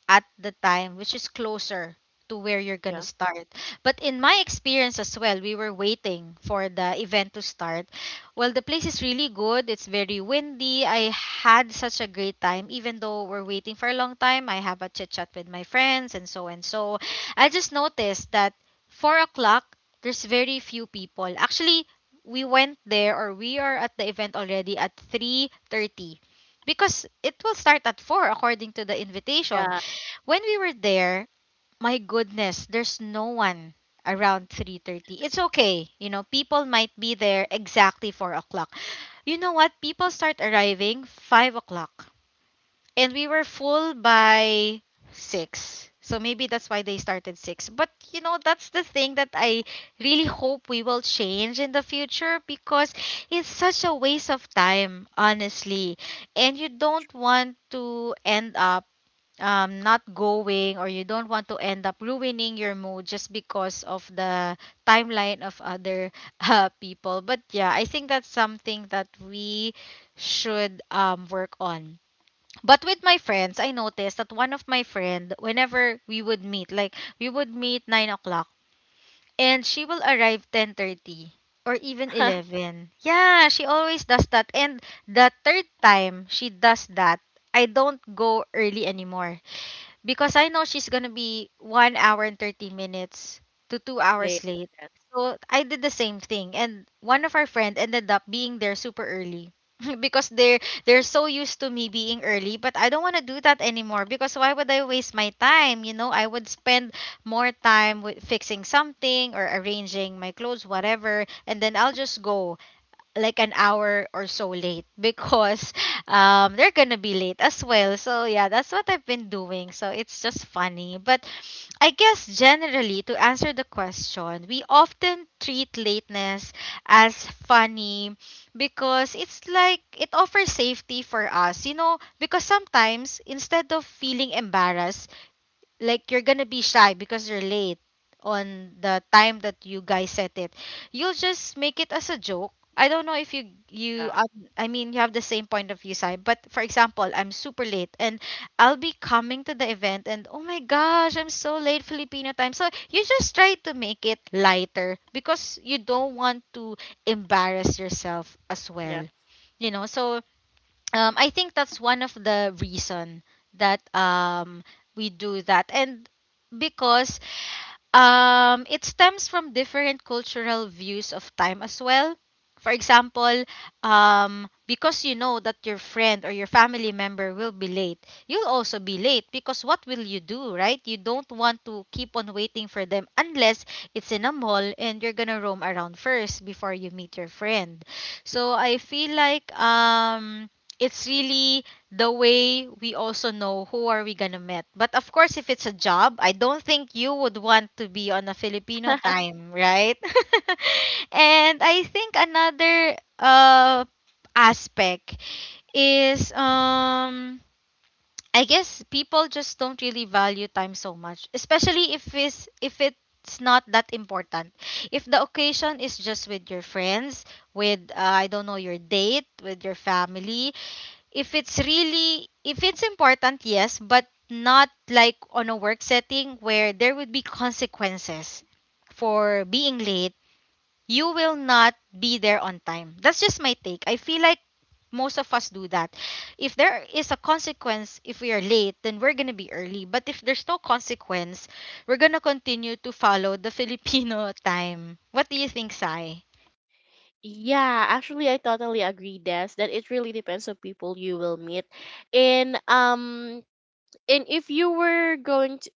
[SPEAKER 1] at the time, which is closer to where you're gonna
[SPEAKER 2] Yeah.
[SPEAKER 1] start. But in my experience as well, we were waiting for the event to start. Well, the place is really good. It's very windy. I had such a great time, even though we're waiting for a long time. I have a chit chat with my friends and so and so. I just noticed that 4 o'clock, there's very few people. Actually, we went there, or we are at the event already at 3:30, because it will start at 4 according to the invitation.
[SPEAKER 2] Yeah.
[SPEAKER 1] When we were there, my goodness, there's no one around 3:30. It's okay. You know, people might be there exactly 4 o'clock. You know what? People start arriving 5 o'clock. And we were full by 6. So maybe that's why they started 6. But, that's the thing that I really hope we will change in the future, because it's such a waste of time, honestly. And you don't want to end up not going, or you don't want to end up ruining your mood just because of the timeline of other people. But yeah, I think that's something that we should work on. But with my friends, I noticed that one of my friend, whenever we would meet, like we would meet 9 o'clock, and she will arrive 10:30 or even 11. Yeah, she always does that. And the third time she does that, I don't go early anymore, because I know she's gonna be 1 hour and 30 minutes to 2 hours
[SPEAKER 2] Late.
[SPEAKER 1] late.
[SPEAKER 2] Yes.
[SPEAKER 1] So I did the same thing, and one of our friend ended up being there super early because they're so used to me being early. But I don't want to do that anymore, because why would I waste my time? You know, I would spend more time with fixing something or arranging my clothes, whatever, and then I'll just go like an hour or so late because they're gonna be late as well. So yeah, that's what I've been doing. So it's just funny. But I guess generally, to answer the question, we often treat lateness as funny because it's like it offers safety for us. You know, because sometimes instead of feeling embarrassed, like you're gonna be shy because you're late on the time that you guys set it, you'll just make it as a joke. I don't know if you
[SPEAKER 2] Yeah,
[SPEAKER 1] I mean, you have the same point of view, side, but for example, I'm super late, and I'll be coming to the event and, oh my gosh, I'm so late, Filipino time. So you just try to make it lighter because you don't want to embarrass yourself as
[SPEAKER 2] yeah.
[SPEAKER 1] well, you know. So I think that's one of the reason that we do that, and because it stems from different cultural views of time as well. For example, because you know that your friend or your family member will be late, you'll also be late, because what will you do, right? You don't want to keep on waiting for them, unless it's in a mall and you're gonna roam around first before you meet your friend. So I feel like it's really the way we also know who are we gonna meet. But of course, if it's a job, I don't think you would want to be on a Filipino time, right? And I think another aspect is I guess people just don't really value time so much, especially if it's not that important. If the occasion is just with your friends, with I don't know, your date, with your family, if it's really if it's important, yes, but not like on a work setting where there would be consequences for being late. You will not be there on time. That's just my take. I feel like most of us do that. If there is a consequence, if we are late, then we're going to be early, but if there's no consequence, we're going to continue to follow the Filipino time. What do you think, Sai?
[SPEAKER 2] Yeah, actually, I totally agree, Des, that it really depends on people you will meet. And if you were going to,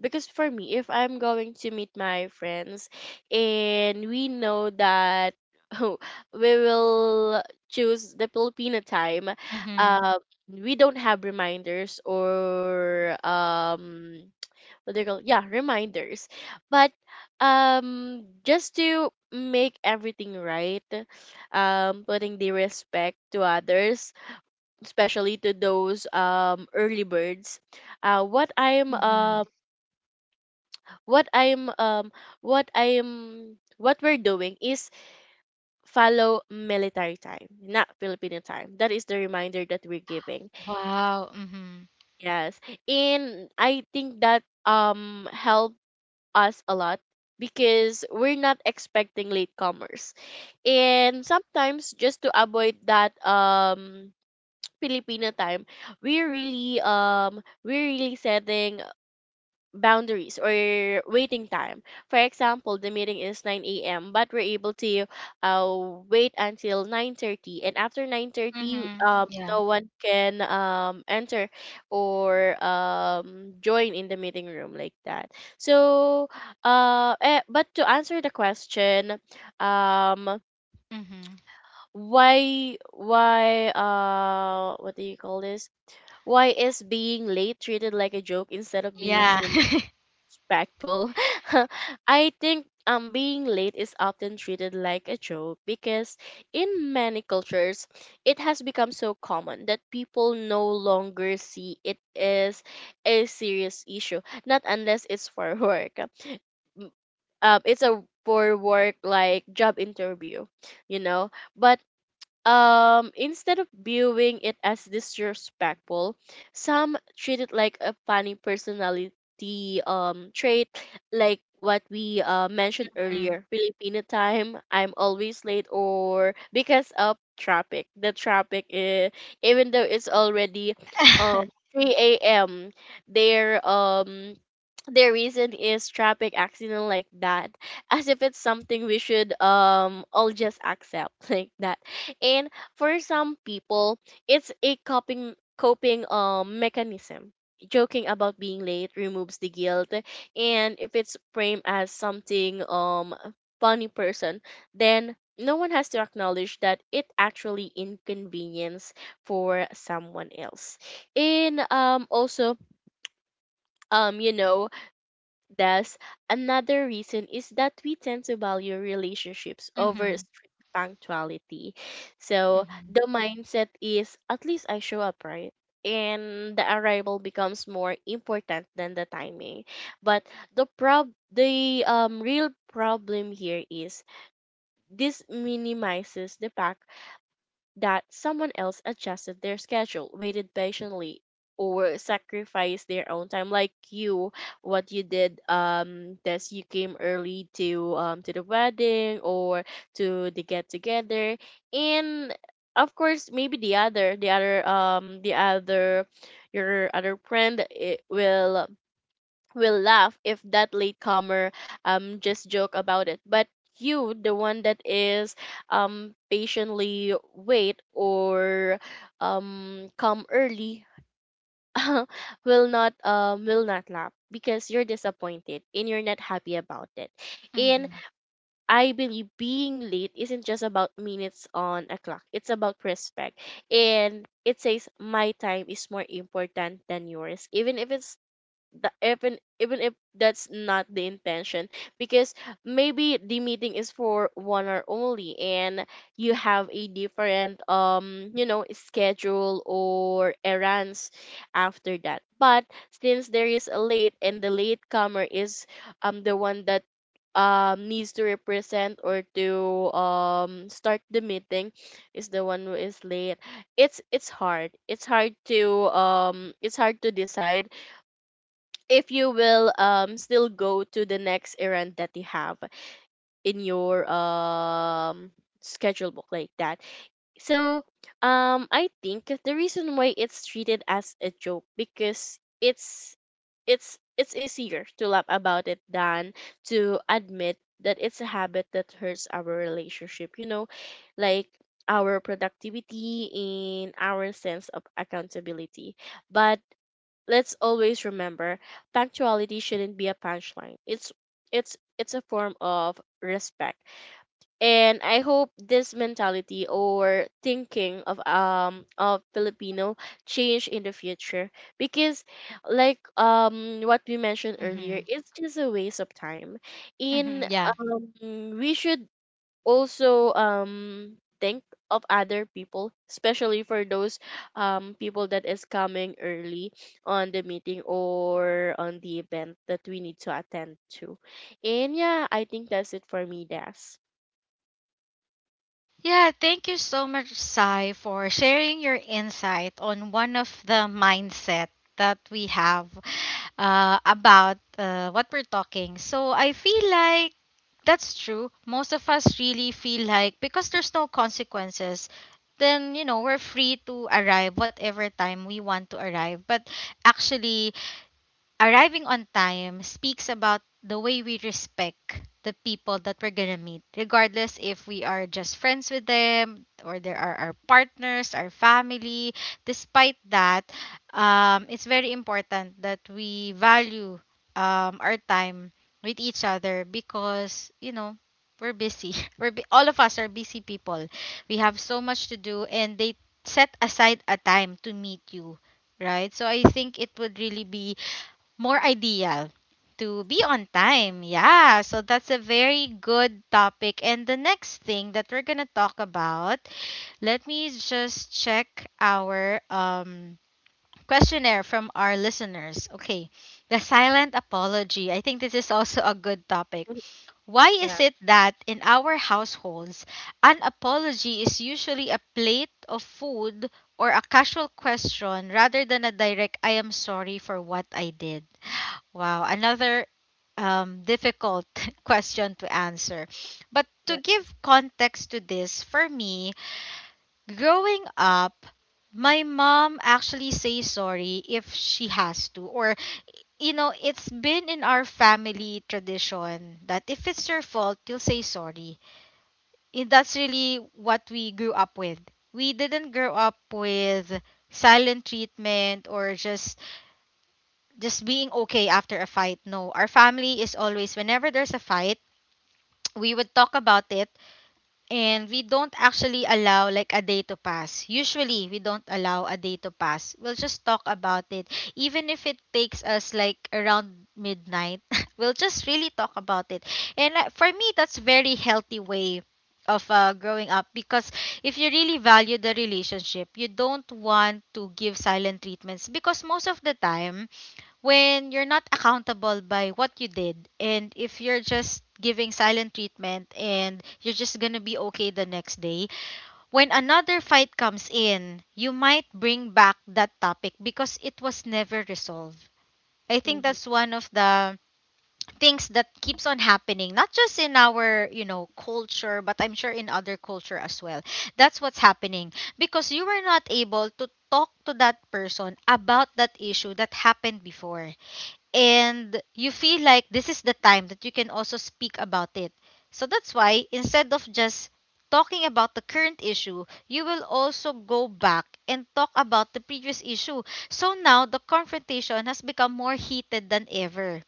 [SPEAKER 2] because for me, if I'm going to meet my friends, and we know that we will choose the Filipino time,
[SPEAKER 1] Mhm.
[SPEAKER 2] uh, we don't have reminders, or what they call, yeah, reminders. But just to make everything right, putting the respect to others, especially to those early birds. uh what i'm
[SPEAKER 1] Mhm.
[SPEAKER 2] um what i'm um what we're doing is follow military time, not Filipino time. That is the reminder that we're giving.
[SPEAKER 1] Wow. Mhm.
[SPEAKER 2] Yes. And I think that help us a lot, because we're not expecting latecomers. And sometimes, just to avoid that Filipino time, we're really setting boundaries or waiting time. For example, the meeting is 9 a.m., but we're able to wait until 9:30. And after 9:30,
[SPEAKER 1] Mhm. Yeah.
[SPEAKER 2] no one can enter or join in the meeting room, like that. So, but to answer the question, um,
[SPEAKER 1] Mm-hmm.
[SPEAKER 2] what do you call this? Why is being late treated like a joke instead of being
[SPEAKER 1] Yeah.
[SPEAKER 2] seen respectful? I think being late is often treated like a joke because in many cultures, it has become so common that people no longer see it as a serious issue, not unless it's for work. It's a for work like job interview, you know. But instead of viewing it as disrespectful, some treat it like a funny personality trait, like what we mentioned
[SPEAKER 1] Mm.
[SPEAKER 2] earlier, Filipino time, I'm always late, or because of traffic. The traffic is, even though it's already um 3 a.m., their um their reason is traffic accident, like that. As if it's something we should all just accept, like that. And for some people, it's a coping mechanism. Joking about being late removes the guilt, and if it's framed as something funny person, then no one has to acknowledge that it actually inconvenience for someone else. And also, um you know thus, another reason is that we tend to value relationships over
[SPEAKER 1] Mhm,
[SPEAKER 2] strict punctuality. So
[SPEAKER 1] mhm,
[SPEAKER 2] the mindset is, at least I show up, right. And the arrival becomes more important than the timing. But the real problem here is, this minimizes the fact that someone else adjusted their schedule, waited patiently, or sacrificed their own time. Like you, what you did, that you came early to the wedding, or to the get together. And of course, maybe the other, your other friend it will laugh if that latecomer just joke about it. But you, the one that is patiently wait, or come early, will not laugh because you're disappointed, and you're not happy about it. And
[SPEAKER 1] mhm,
[SPEAKER 2] I believe being late isn't just about minutes on a clock. It's about respect. And it says my time is more important than yours, even if that's not the intention. Because maybe the meeting is for 1 hour only, and you have a different schedule or errands after that. But since there is a late, and the late comer is the one that needs to represent, or to start the meeting, is the one who is late. It's hard to decide if you will still go to the next errand that you have in your schedule book, like that. So I think the reason why it's treated as a joke, because it's easier to laugh about it than to admit that it's a habit that hurts our relationship, you know, like our productivity and our sense of accountability. But let's always remember, punctuality shouldn't be a punchline. It's a form of respect. And I hope this mentality, or thinking of Filipino, change in the future, because like what we mentioned earlier,
[SPEAKER 1] mhm,
[SPEAKER 2] it's just a waste of time.
[SPEAKER 1] mhm,
[SPEAKER 2] In
[SPEAKER 1] yeah.
[SPEAKER 2] we should also think of other people, especially for those people that is coming early on the meeting or on the event that we need to attend to. And yeah, I think that's it for me, Das.
[SPEAKER 1] Yeah, thank you so much, Sai, for sharing your insight on one of the mindset that we have about what we're talking. So I feel like that's true. Most of us really feel like because there's no consequences, then you know we're free to arrive whatever time we want to arrive. But actually, arriving on time speaks about the way we respect the people that we're gonna meet, regardless if we are just friends with them or they are our partners, our family. Despite that, it's very important that we value our time with each other because, you know, we're busy. All of us are busy people. We have so much to do, and they set aside a time to meet you, right? So I think it would really be more ideal to be on time. Yeah, so that's a very good topic. And the next thing that we're going to talk about, let me just check our questionnaire from our listeners. Okay. The silent apology. I think this is also a good topic.
[SPEAKER 2] Mhm.
[SPEAKER 1] Why is
[SPEAKER 2] Yeah.
[SPEAKER 1] it that in our households, an apology is usually a plate of food or a casual question rather than a direct "I am sorry for what I did"? Wow, another difficult question to answer. But to
[SPEAKER 2] Yes.
[SPEAKER 1] give context to this, for me, growing up, my mom actually says sorry if she has to, or you know, it's been in our family tradition that if it's your fault, you'll say sorry. And that's really what we grew up with. We didn't grow up with silent treatment or just being okay after a fight. No, our family is always, whenever there's a fight, we would talk about it, and we don't actually allow like a day to pass. Usually, we don't allow a day to pass. We'll just talk about it, even if it takes us like around midnight. We'll just really talk about it. And for me, that's very healthy way of growing up because if you really value the relationship, you don't want to give silent treatments because most of the time when you're not accountable by what you did, and if you're just giving silent treatment and you're just gonna be okay the next day, when another fight comes in, you might bring back that topic because it was never resolved. I think
[SPEAKER 2] Mm-hmm.
[SPEAKER 1] that's one of the things that keeps on happening not just in our culture, but I'm sure in other culture as well. That's what's happening because you were not able to talk to that person about that issue that happened before, and you feel like this is the time that you can also speak about it. So that's why, instead of just talking about the current issue, you will also go back and talk about the previous issue. So now the confrontation has become more heated than ever.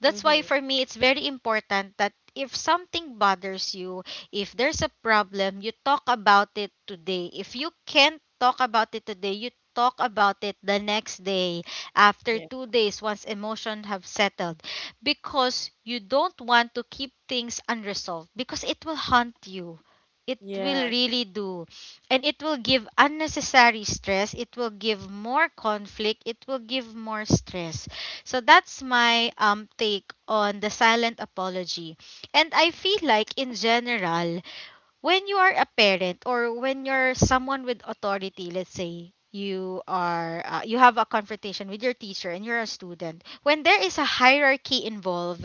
[SPEAKER 1] That's why
[SPEAKER 2] Mm-hmm.
[SPEAKER 1] for me it's very important that if something bothers you, if there's a problem, you talk about it today. If you can't talk about it today, you talk about it the next day, after
[SPEAKER 2] Yeah.
[SPEAKER 1] 2 days, once emotions have settled, because you don't want to keep things unresolved because it will haunt you. It will
[SPEAKER 2] Yes.
[SPEAKER 1] really do. And it will give unnecessary stress. It will give more conflict. It will give more stress. So that's my take on the silent apology. And I feel like in general, when you are a parent, or when you're someone with authority, let's say you are you have a confrontation with your teacher and you're a student, when there is a hierarchy involved,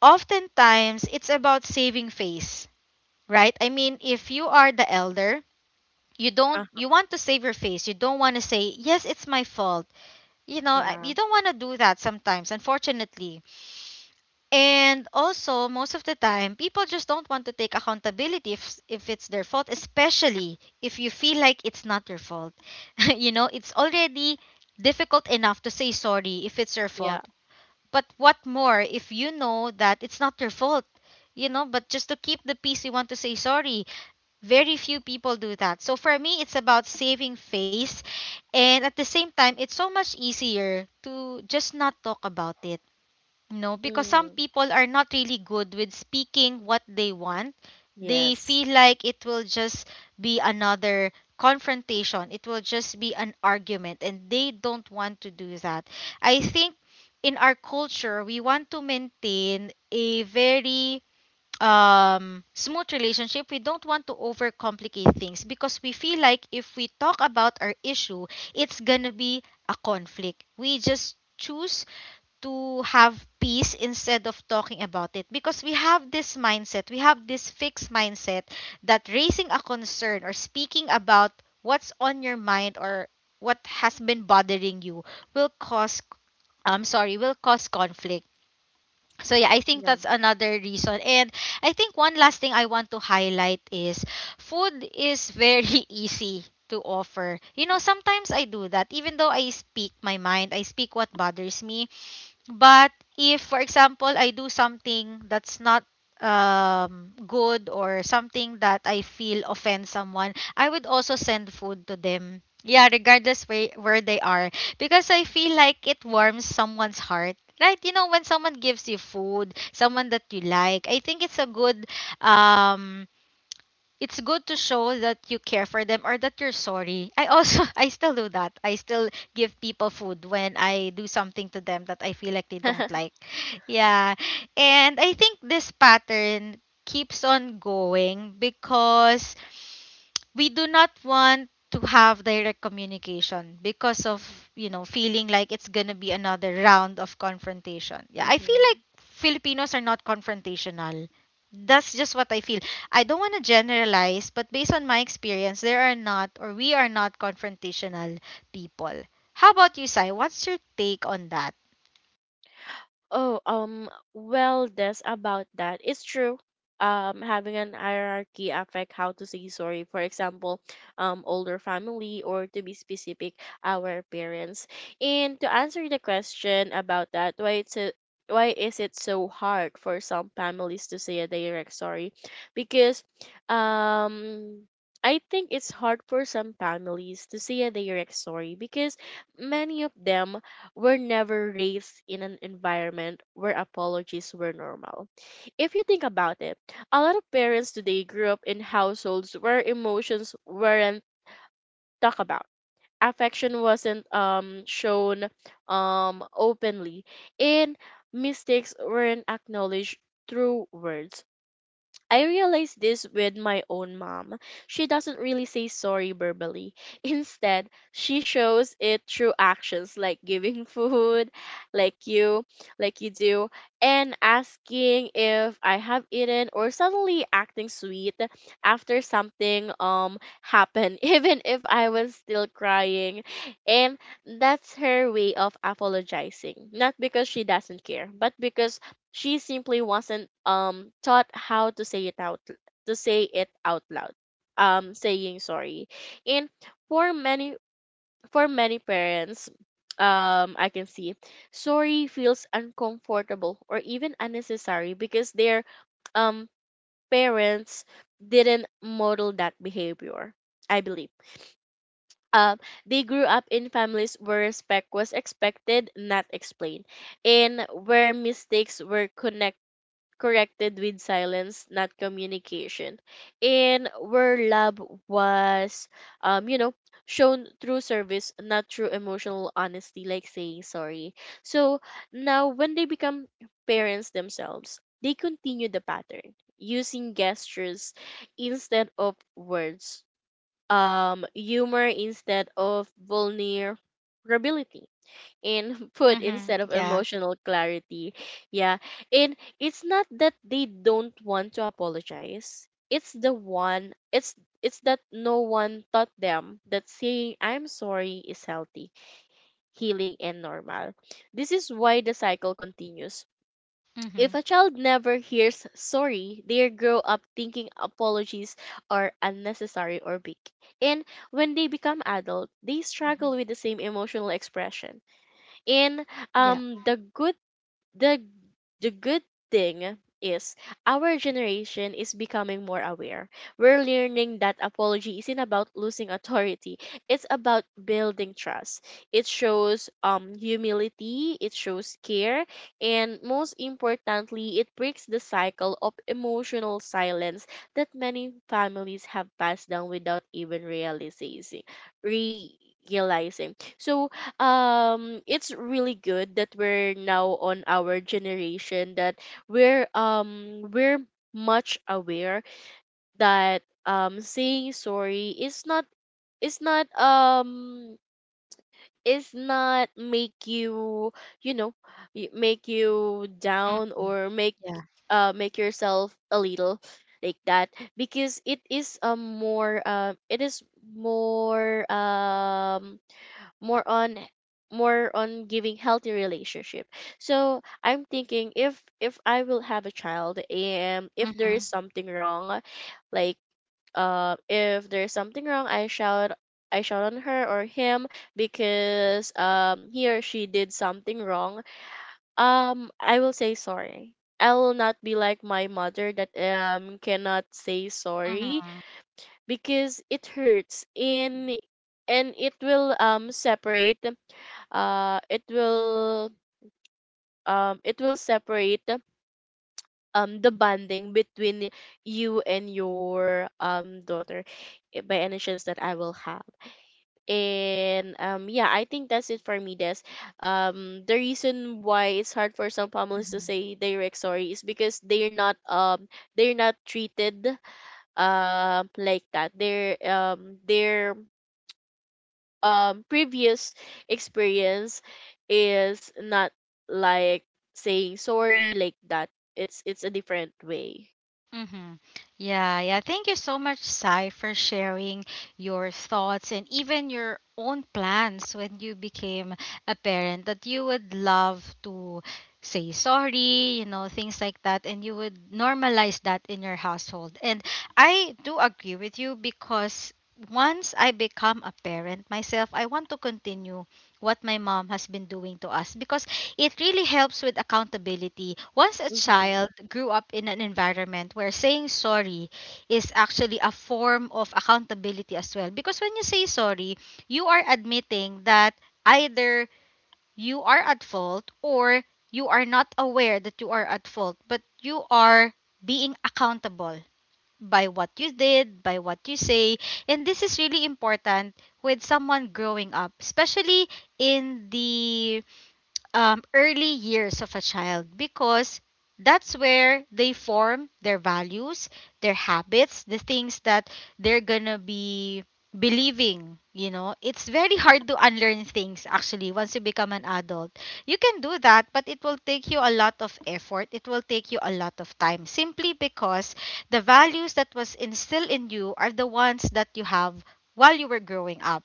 [SPEAKER 1] oftentimes it's about saving face, right? I mean, if you are the elder, you don't
[SPEAKER 2] uh,
[SPEAKER 1] you want to save your face. You don't want to say, "Yes, it's my fault." You know, you
[SPEAKER 2] yeah.
[SPEAKER 1] don't want to do that sometimes, unfortunately. And also, most of the time, people just don't want to take accountability if it's their fault, especially if you feel like it's not your fault. you know, it's already difficult enough to say sorry if it's your
[SPEAKER 2] Yeah.
[SPEAKER 1] fault. But what more if you know that it's not your fault? You know, but just to keep the peace, you want to say sorry. Very few people do that. So for me, it's about saving face. And at the same time, it's so much easier to just not talk about it, no, because some
[SPEAKER 2] Mm.
[SPEAKER 1] people are not really good with speaking what they want. They
[SPEAKER 2] Yes.
[SPEAKER 1] feel like it will just be another confrontation. It will just be an argument, and they don't want to do that. I think in our culture, we want to maintain a very smooth relationship. We don't want to overcomplicate things because we feel like if we talk about our issue, it's gonna be a conflict. We just choose to have peace instead of talking about it because we have this mindset, we have this fixed mindset that raising a concern, or speaking about what's on your mind, or what has been bothering you, will cause, I'm sorry, will cause conflict. So yeah, I think that's
[SPEAKER 2] Yeah.
[SPEAKER 1] another reason. And I think one last thing I want to highlight is, food is very easy to offer. You know, sometimes I do that, even though I speak my mind, I speak what bothers me. But if, for example, I do something that's not good, or something that I feel offends someone, I would also send food to them. Yeah, regardless where they are. Because I feel like it warms someone's heart. Right? You know, when someone gives you food, someone that you like, I think it's a good, um it's good to show that you care for them, or that you're sorry. I also, I still do that. I still give people food when I do something to them that I feel like they don't like. Yeah. And I think this pattern keeps on going because we do not want to have direct communication because of, feeling like it's gonna be another round of confrontation. Yeah, I feel like
[SPEAKER 2] Mm-hmm.
[SPEAKER 1] Filipinos are not confrontational. That's just what I feel. I don't want to generalize, but based on my experience, there are not, or we are not confrontational people. How about you, Sai? What's your take on that?
[SPEAKER 2] Oh, well, this about that. It's true. Having an hierarchy affect how to say sorry. For example, older family, or to be specific, our parents. And to answer the question about that, why is it so hard for some families to say a direct sorry? Because, um, I think it's hard for some families to say a direct sorry because many of them were never raised in an environment where apologies were normal. If you think about it, a lot of parents today grew up in households where emotions weren't talked about. Affection wasn't shown openly, and mistakes weren't acknowledged through words. I realized this with my own mom. She doesn't really say sorry verbally. Instead, she shows it through actions like giving food, like you, like you do, and asking if I have eaten, or suddenly acting sweet after something happened, even if I was still crying. And that's her way of apologizing. Not because she doesn't care, but because she simply wasn't taught how to say it out to say it out loud. Saying sorry. And for many for many parents, I can see sorry feels uncomfortable or even unnecessary because their um parents didn't model that behavior, I believe. Um, they grew up in families where respect was expected, not explained, and where mistakes were connected corrected with silence, not communication. And where love was, you know, shown through service, not through emotional honesty, like saying sorry. So now, when they become parents themselves, they continue the pattern using gestures instead of words, humor instead of vulnerability, in food
[SPEAKER 1] Mm-hmm.
[SPEAKER 2] instead of
[SPEAKER 1] Yeah.
[SPEAKER 2] emotional clarity. Yeah. And it's not that they don't want to apologize. It's that no one taught them that saying I'm sorry is healthy, healing and normal. This is why the cycle continues. If
[SPEAKER 1] Mm-hmm.
[SPEAKER 2] a child never hears sorry, they grow up thinking apologies are unnecessary or big. And when they become adult, they struggle
[SPEAKER 1] Mm-hmm.
[SPEAKER 2] with the same emotional expression. And
[SPEAKER 1] Yeah.
[SPEAKER 2] um the good the the good thing is, our generation is becoming more aware. We're learning that apology isn't about losing authority. It's about building trust. It shows humility, it shows care, and most importantly, it breaks the cycle of emotional silence that many families have passed down without even realizing. So it's really good that we're now on our generation that we're much aware that saying sorry is is not um not make you you know make you
[SPEAKER 1] Mm,
[SPEAKER 2] down, or make
[SPEAKER 1] yeah.
[SPEAKER 2] uh make yourself a little, like that. Because it is more um more on more on giving healthy relationship. So I'm thinking, if I will have a child, and if there
[SPEAKER 1] Mm-hmm.
[SPEAKER 2] is something wrong, like if there's something wrong, I shout on her or him because he or she did something wrong, I will say sorry. I will not be like my mother, that cannot say sorry,
[SPEAKER 1] Mm-hmm.
[SPEAKER 2] because it hurts. And it will separate, uh it will it will separate the bonding between you and your daughter, by any chance that I will have. And yeah, I think that's it for me, Des. The reason why it's hard for some families to
[SPEAKER 1] Mm-hmm.
[SPEAKER 2] say direct sorry is because they're not treated like that. They're previous experience is not like saying sorry, like that. It's a different way.
[SPEAKER 1] Mm-hmm. Yeah, yeah. Thank you so much, Sai, for sharing your thoughts, and even your own plans when you became a parent, that you would love to say sorry, you know, things like that, and you would normalize that in your household. And I do agree with you because once I become a parent myself, I want to continue what my mom has been doing to us because it really helps with accountability. Once a
[SPEAKER 2] Mm-hmm.
[SPEAKER 1] child grew up in an environment where saying sorry is actually a form of accountability as well. Because when you say sorry, you are admitting that either you are at fault, or you are not aware that you are at fault, but you are being accountable by what you did, by what you say. And this is really important with someone growing up, especially in the early years of a child, because that's where they form their values, their habits, the things that they're gonna be believing. You know, it's very hard to unlearn things actually once you become an adult. You can do that, but it will take you a lot of effort. It will take you a lot of time simply because the values that was instilled in you are the ones that you have while you were growing up,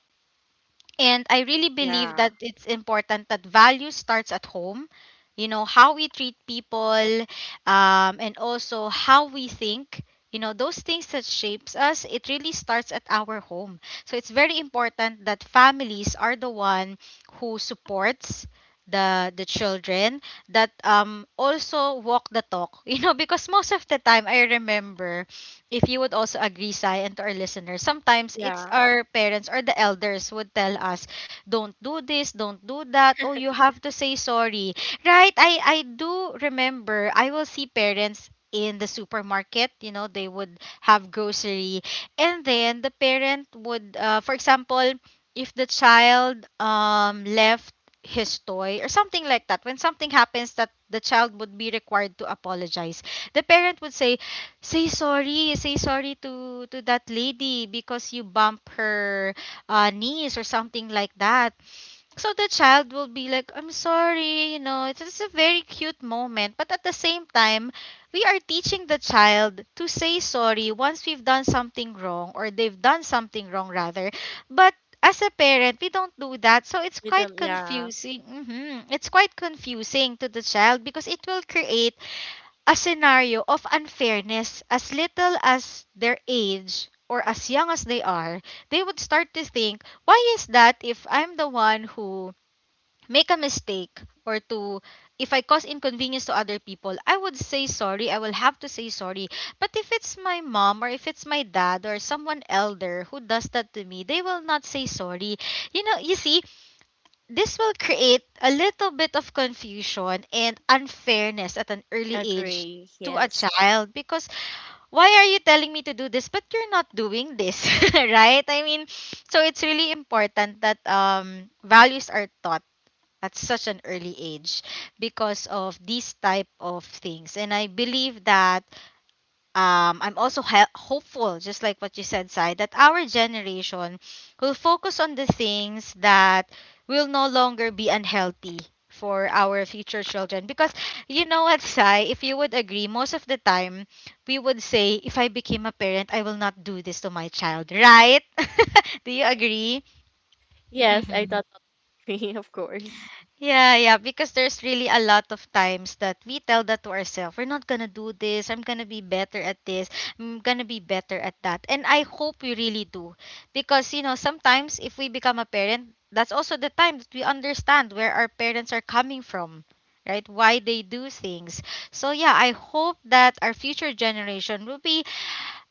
[SPEAKER 1] and I really believe
[SPEAKER 2] Yeah.
[SPEAKER 1] that it's important that value starts at home. You know, how we treat people, and also how we think. You know, those things that shapes us, it really starts at our home. So it's very important that families are the one who supports the children, that also walk the talk. you know, because most of the time I remember, if you would also agree, Sai, and to our listeners, sometimes it's
[SPEAKER 2] Yeah.
[SPEAKER 1] our parents or the elders would tell us, don't do this, don't do that. Oh, you have to say sorry. Right? I do remember, I will see parents in the supermarket, you know, they would have grocery. And then the parent would, for example, if the child left his toy or something like that, when something happens that the child would be required to apologize, the parent would say, "Say sorry, say sorry to that lady because you bump her niece," or something like that. So the child will be like, "I'm sorry," you know. It's just a very cute moment, but at the same time, we are teaching the child to say sorry once we've done something wrong, or they've done something wrong rather. But as a parent, we don't do that. So it's
[SPEAKER 2] With
[SPEAKER 1] quite
[SPEAKER 2] them, yeah.
[SPEAKER 1] confusing. It's quite confusing to the child because it will create a scenario of unfairness. As little as their age, or as young as they are, they would start to think, why is that if I'm the one who make a mistake, or to if I cause inconvenience to other people, I would say sorry, I will have to say sorry. But if it's my mom, or if it's my dad, or someone elder who does that to me, they will not say sorry. You know, you see, this will create a little bit of confusion and unfairness at an early age
[SPEAKER 2] Agree.
[SPEAKER 1] to a
[SPEAKER 2] Yes.
[SPEAKER 1] child because, why are you telling me to do this but you're not doing this, right? I mean, so it's really important that values are taught at such an early age because of these type of things. And I believe that, I'm also hopeful, just like what you said, Sai, that our generation will focus on the things that will no longer be unhealthy for our future children. Because, you know what, Sai, if you would agree, most of the time we would say, if I became a parent, I will not do this to my child, right? do you agree?
[SPEAKER 2] Yes, I
[SPEAKER 1] Mhm.
[SPEAKER 2] thought agree, of course.
[SPEAKER 1] Yeah, yeah, because there's really a lot of times that we tell that to ourselves. We're not gonna do this. I'm gonna be better at this. I'm gonna be better at that. And I hope we really do. Because, you know, sometimes if we become a parent, that's also the time that we understand where our parents are coming from, right? Why they do things. So, yeah, I hope that our future generation will be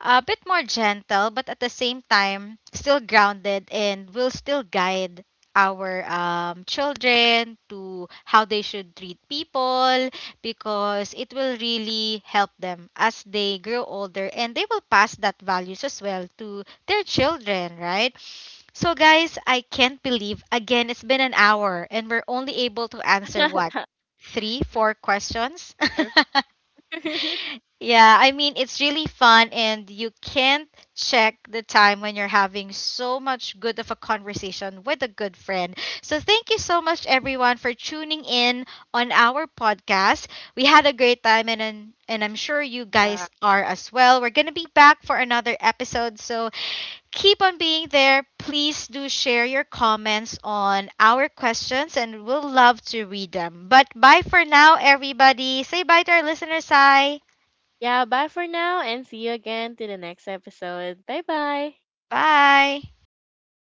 [SPEAKER 1] a bit more gentle, but at the same time still grounded, and will still guide our children to how they should treat people, because it will really help them as they grow older, and they will pass that values as well to their children, right? So guys, I can't believe again it's been an hour, and we're only able to answer, what, three four questions.
[SPEAKER 2] Perfect.
[SPEAKER 1] Yeah, I mean, it's really fun, and you can't check the time when you're having so much good of a conversation with a good friend. So, thank you so much, everyone, for tuning in on our podcast. We had a great time, and I'm sure you
[SPEAKER 2] Yeah.
[SPEAKER 1] guys are as well. We're going to be back for another episode, so keep on being there. Please do share your comments on our questions, and we'll love to read them. But bye for now, everybody. Say bye to our listeners, Sai.
[SPEAKER 2] Yeah, bye for now, and see you again to the next episode. Bye bye.
[SPEAKER 1] Bye.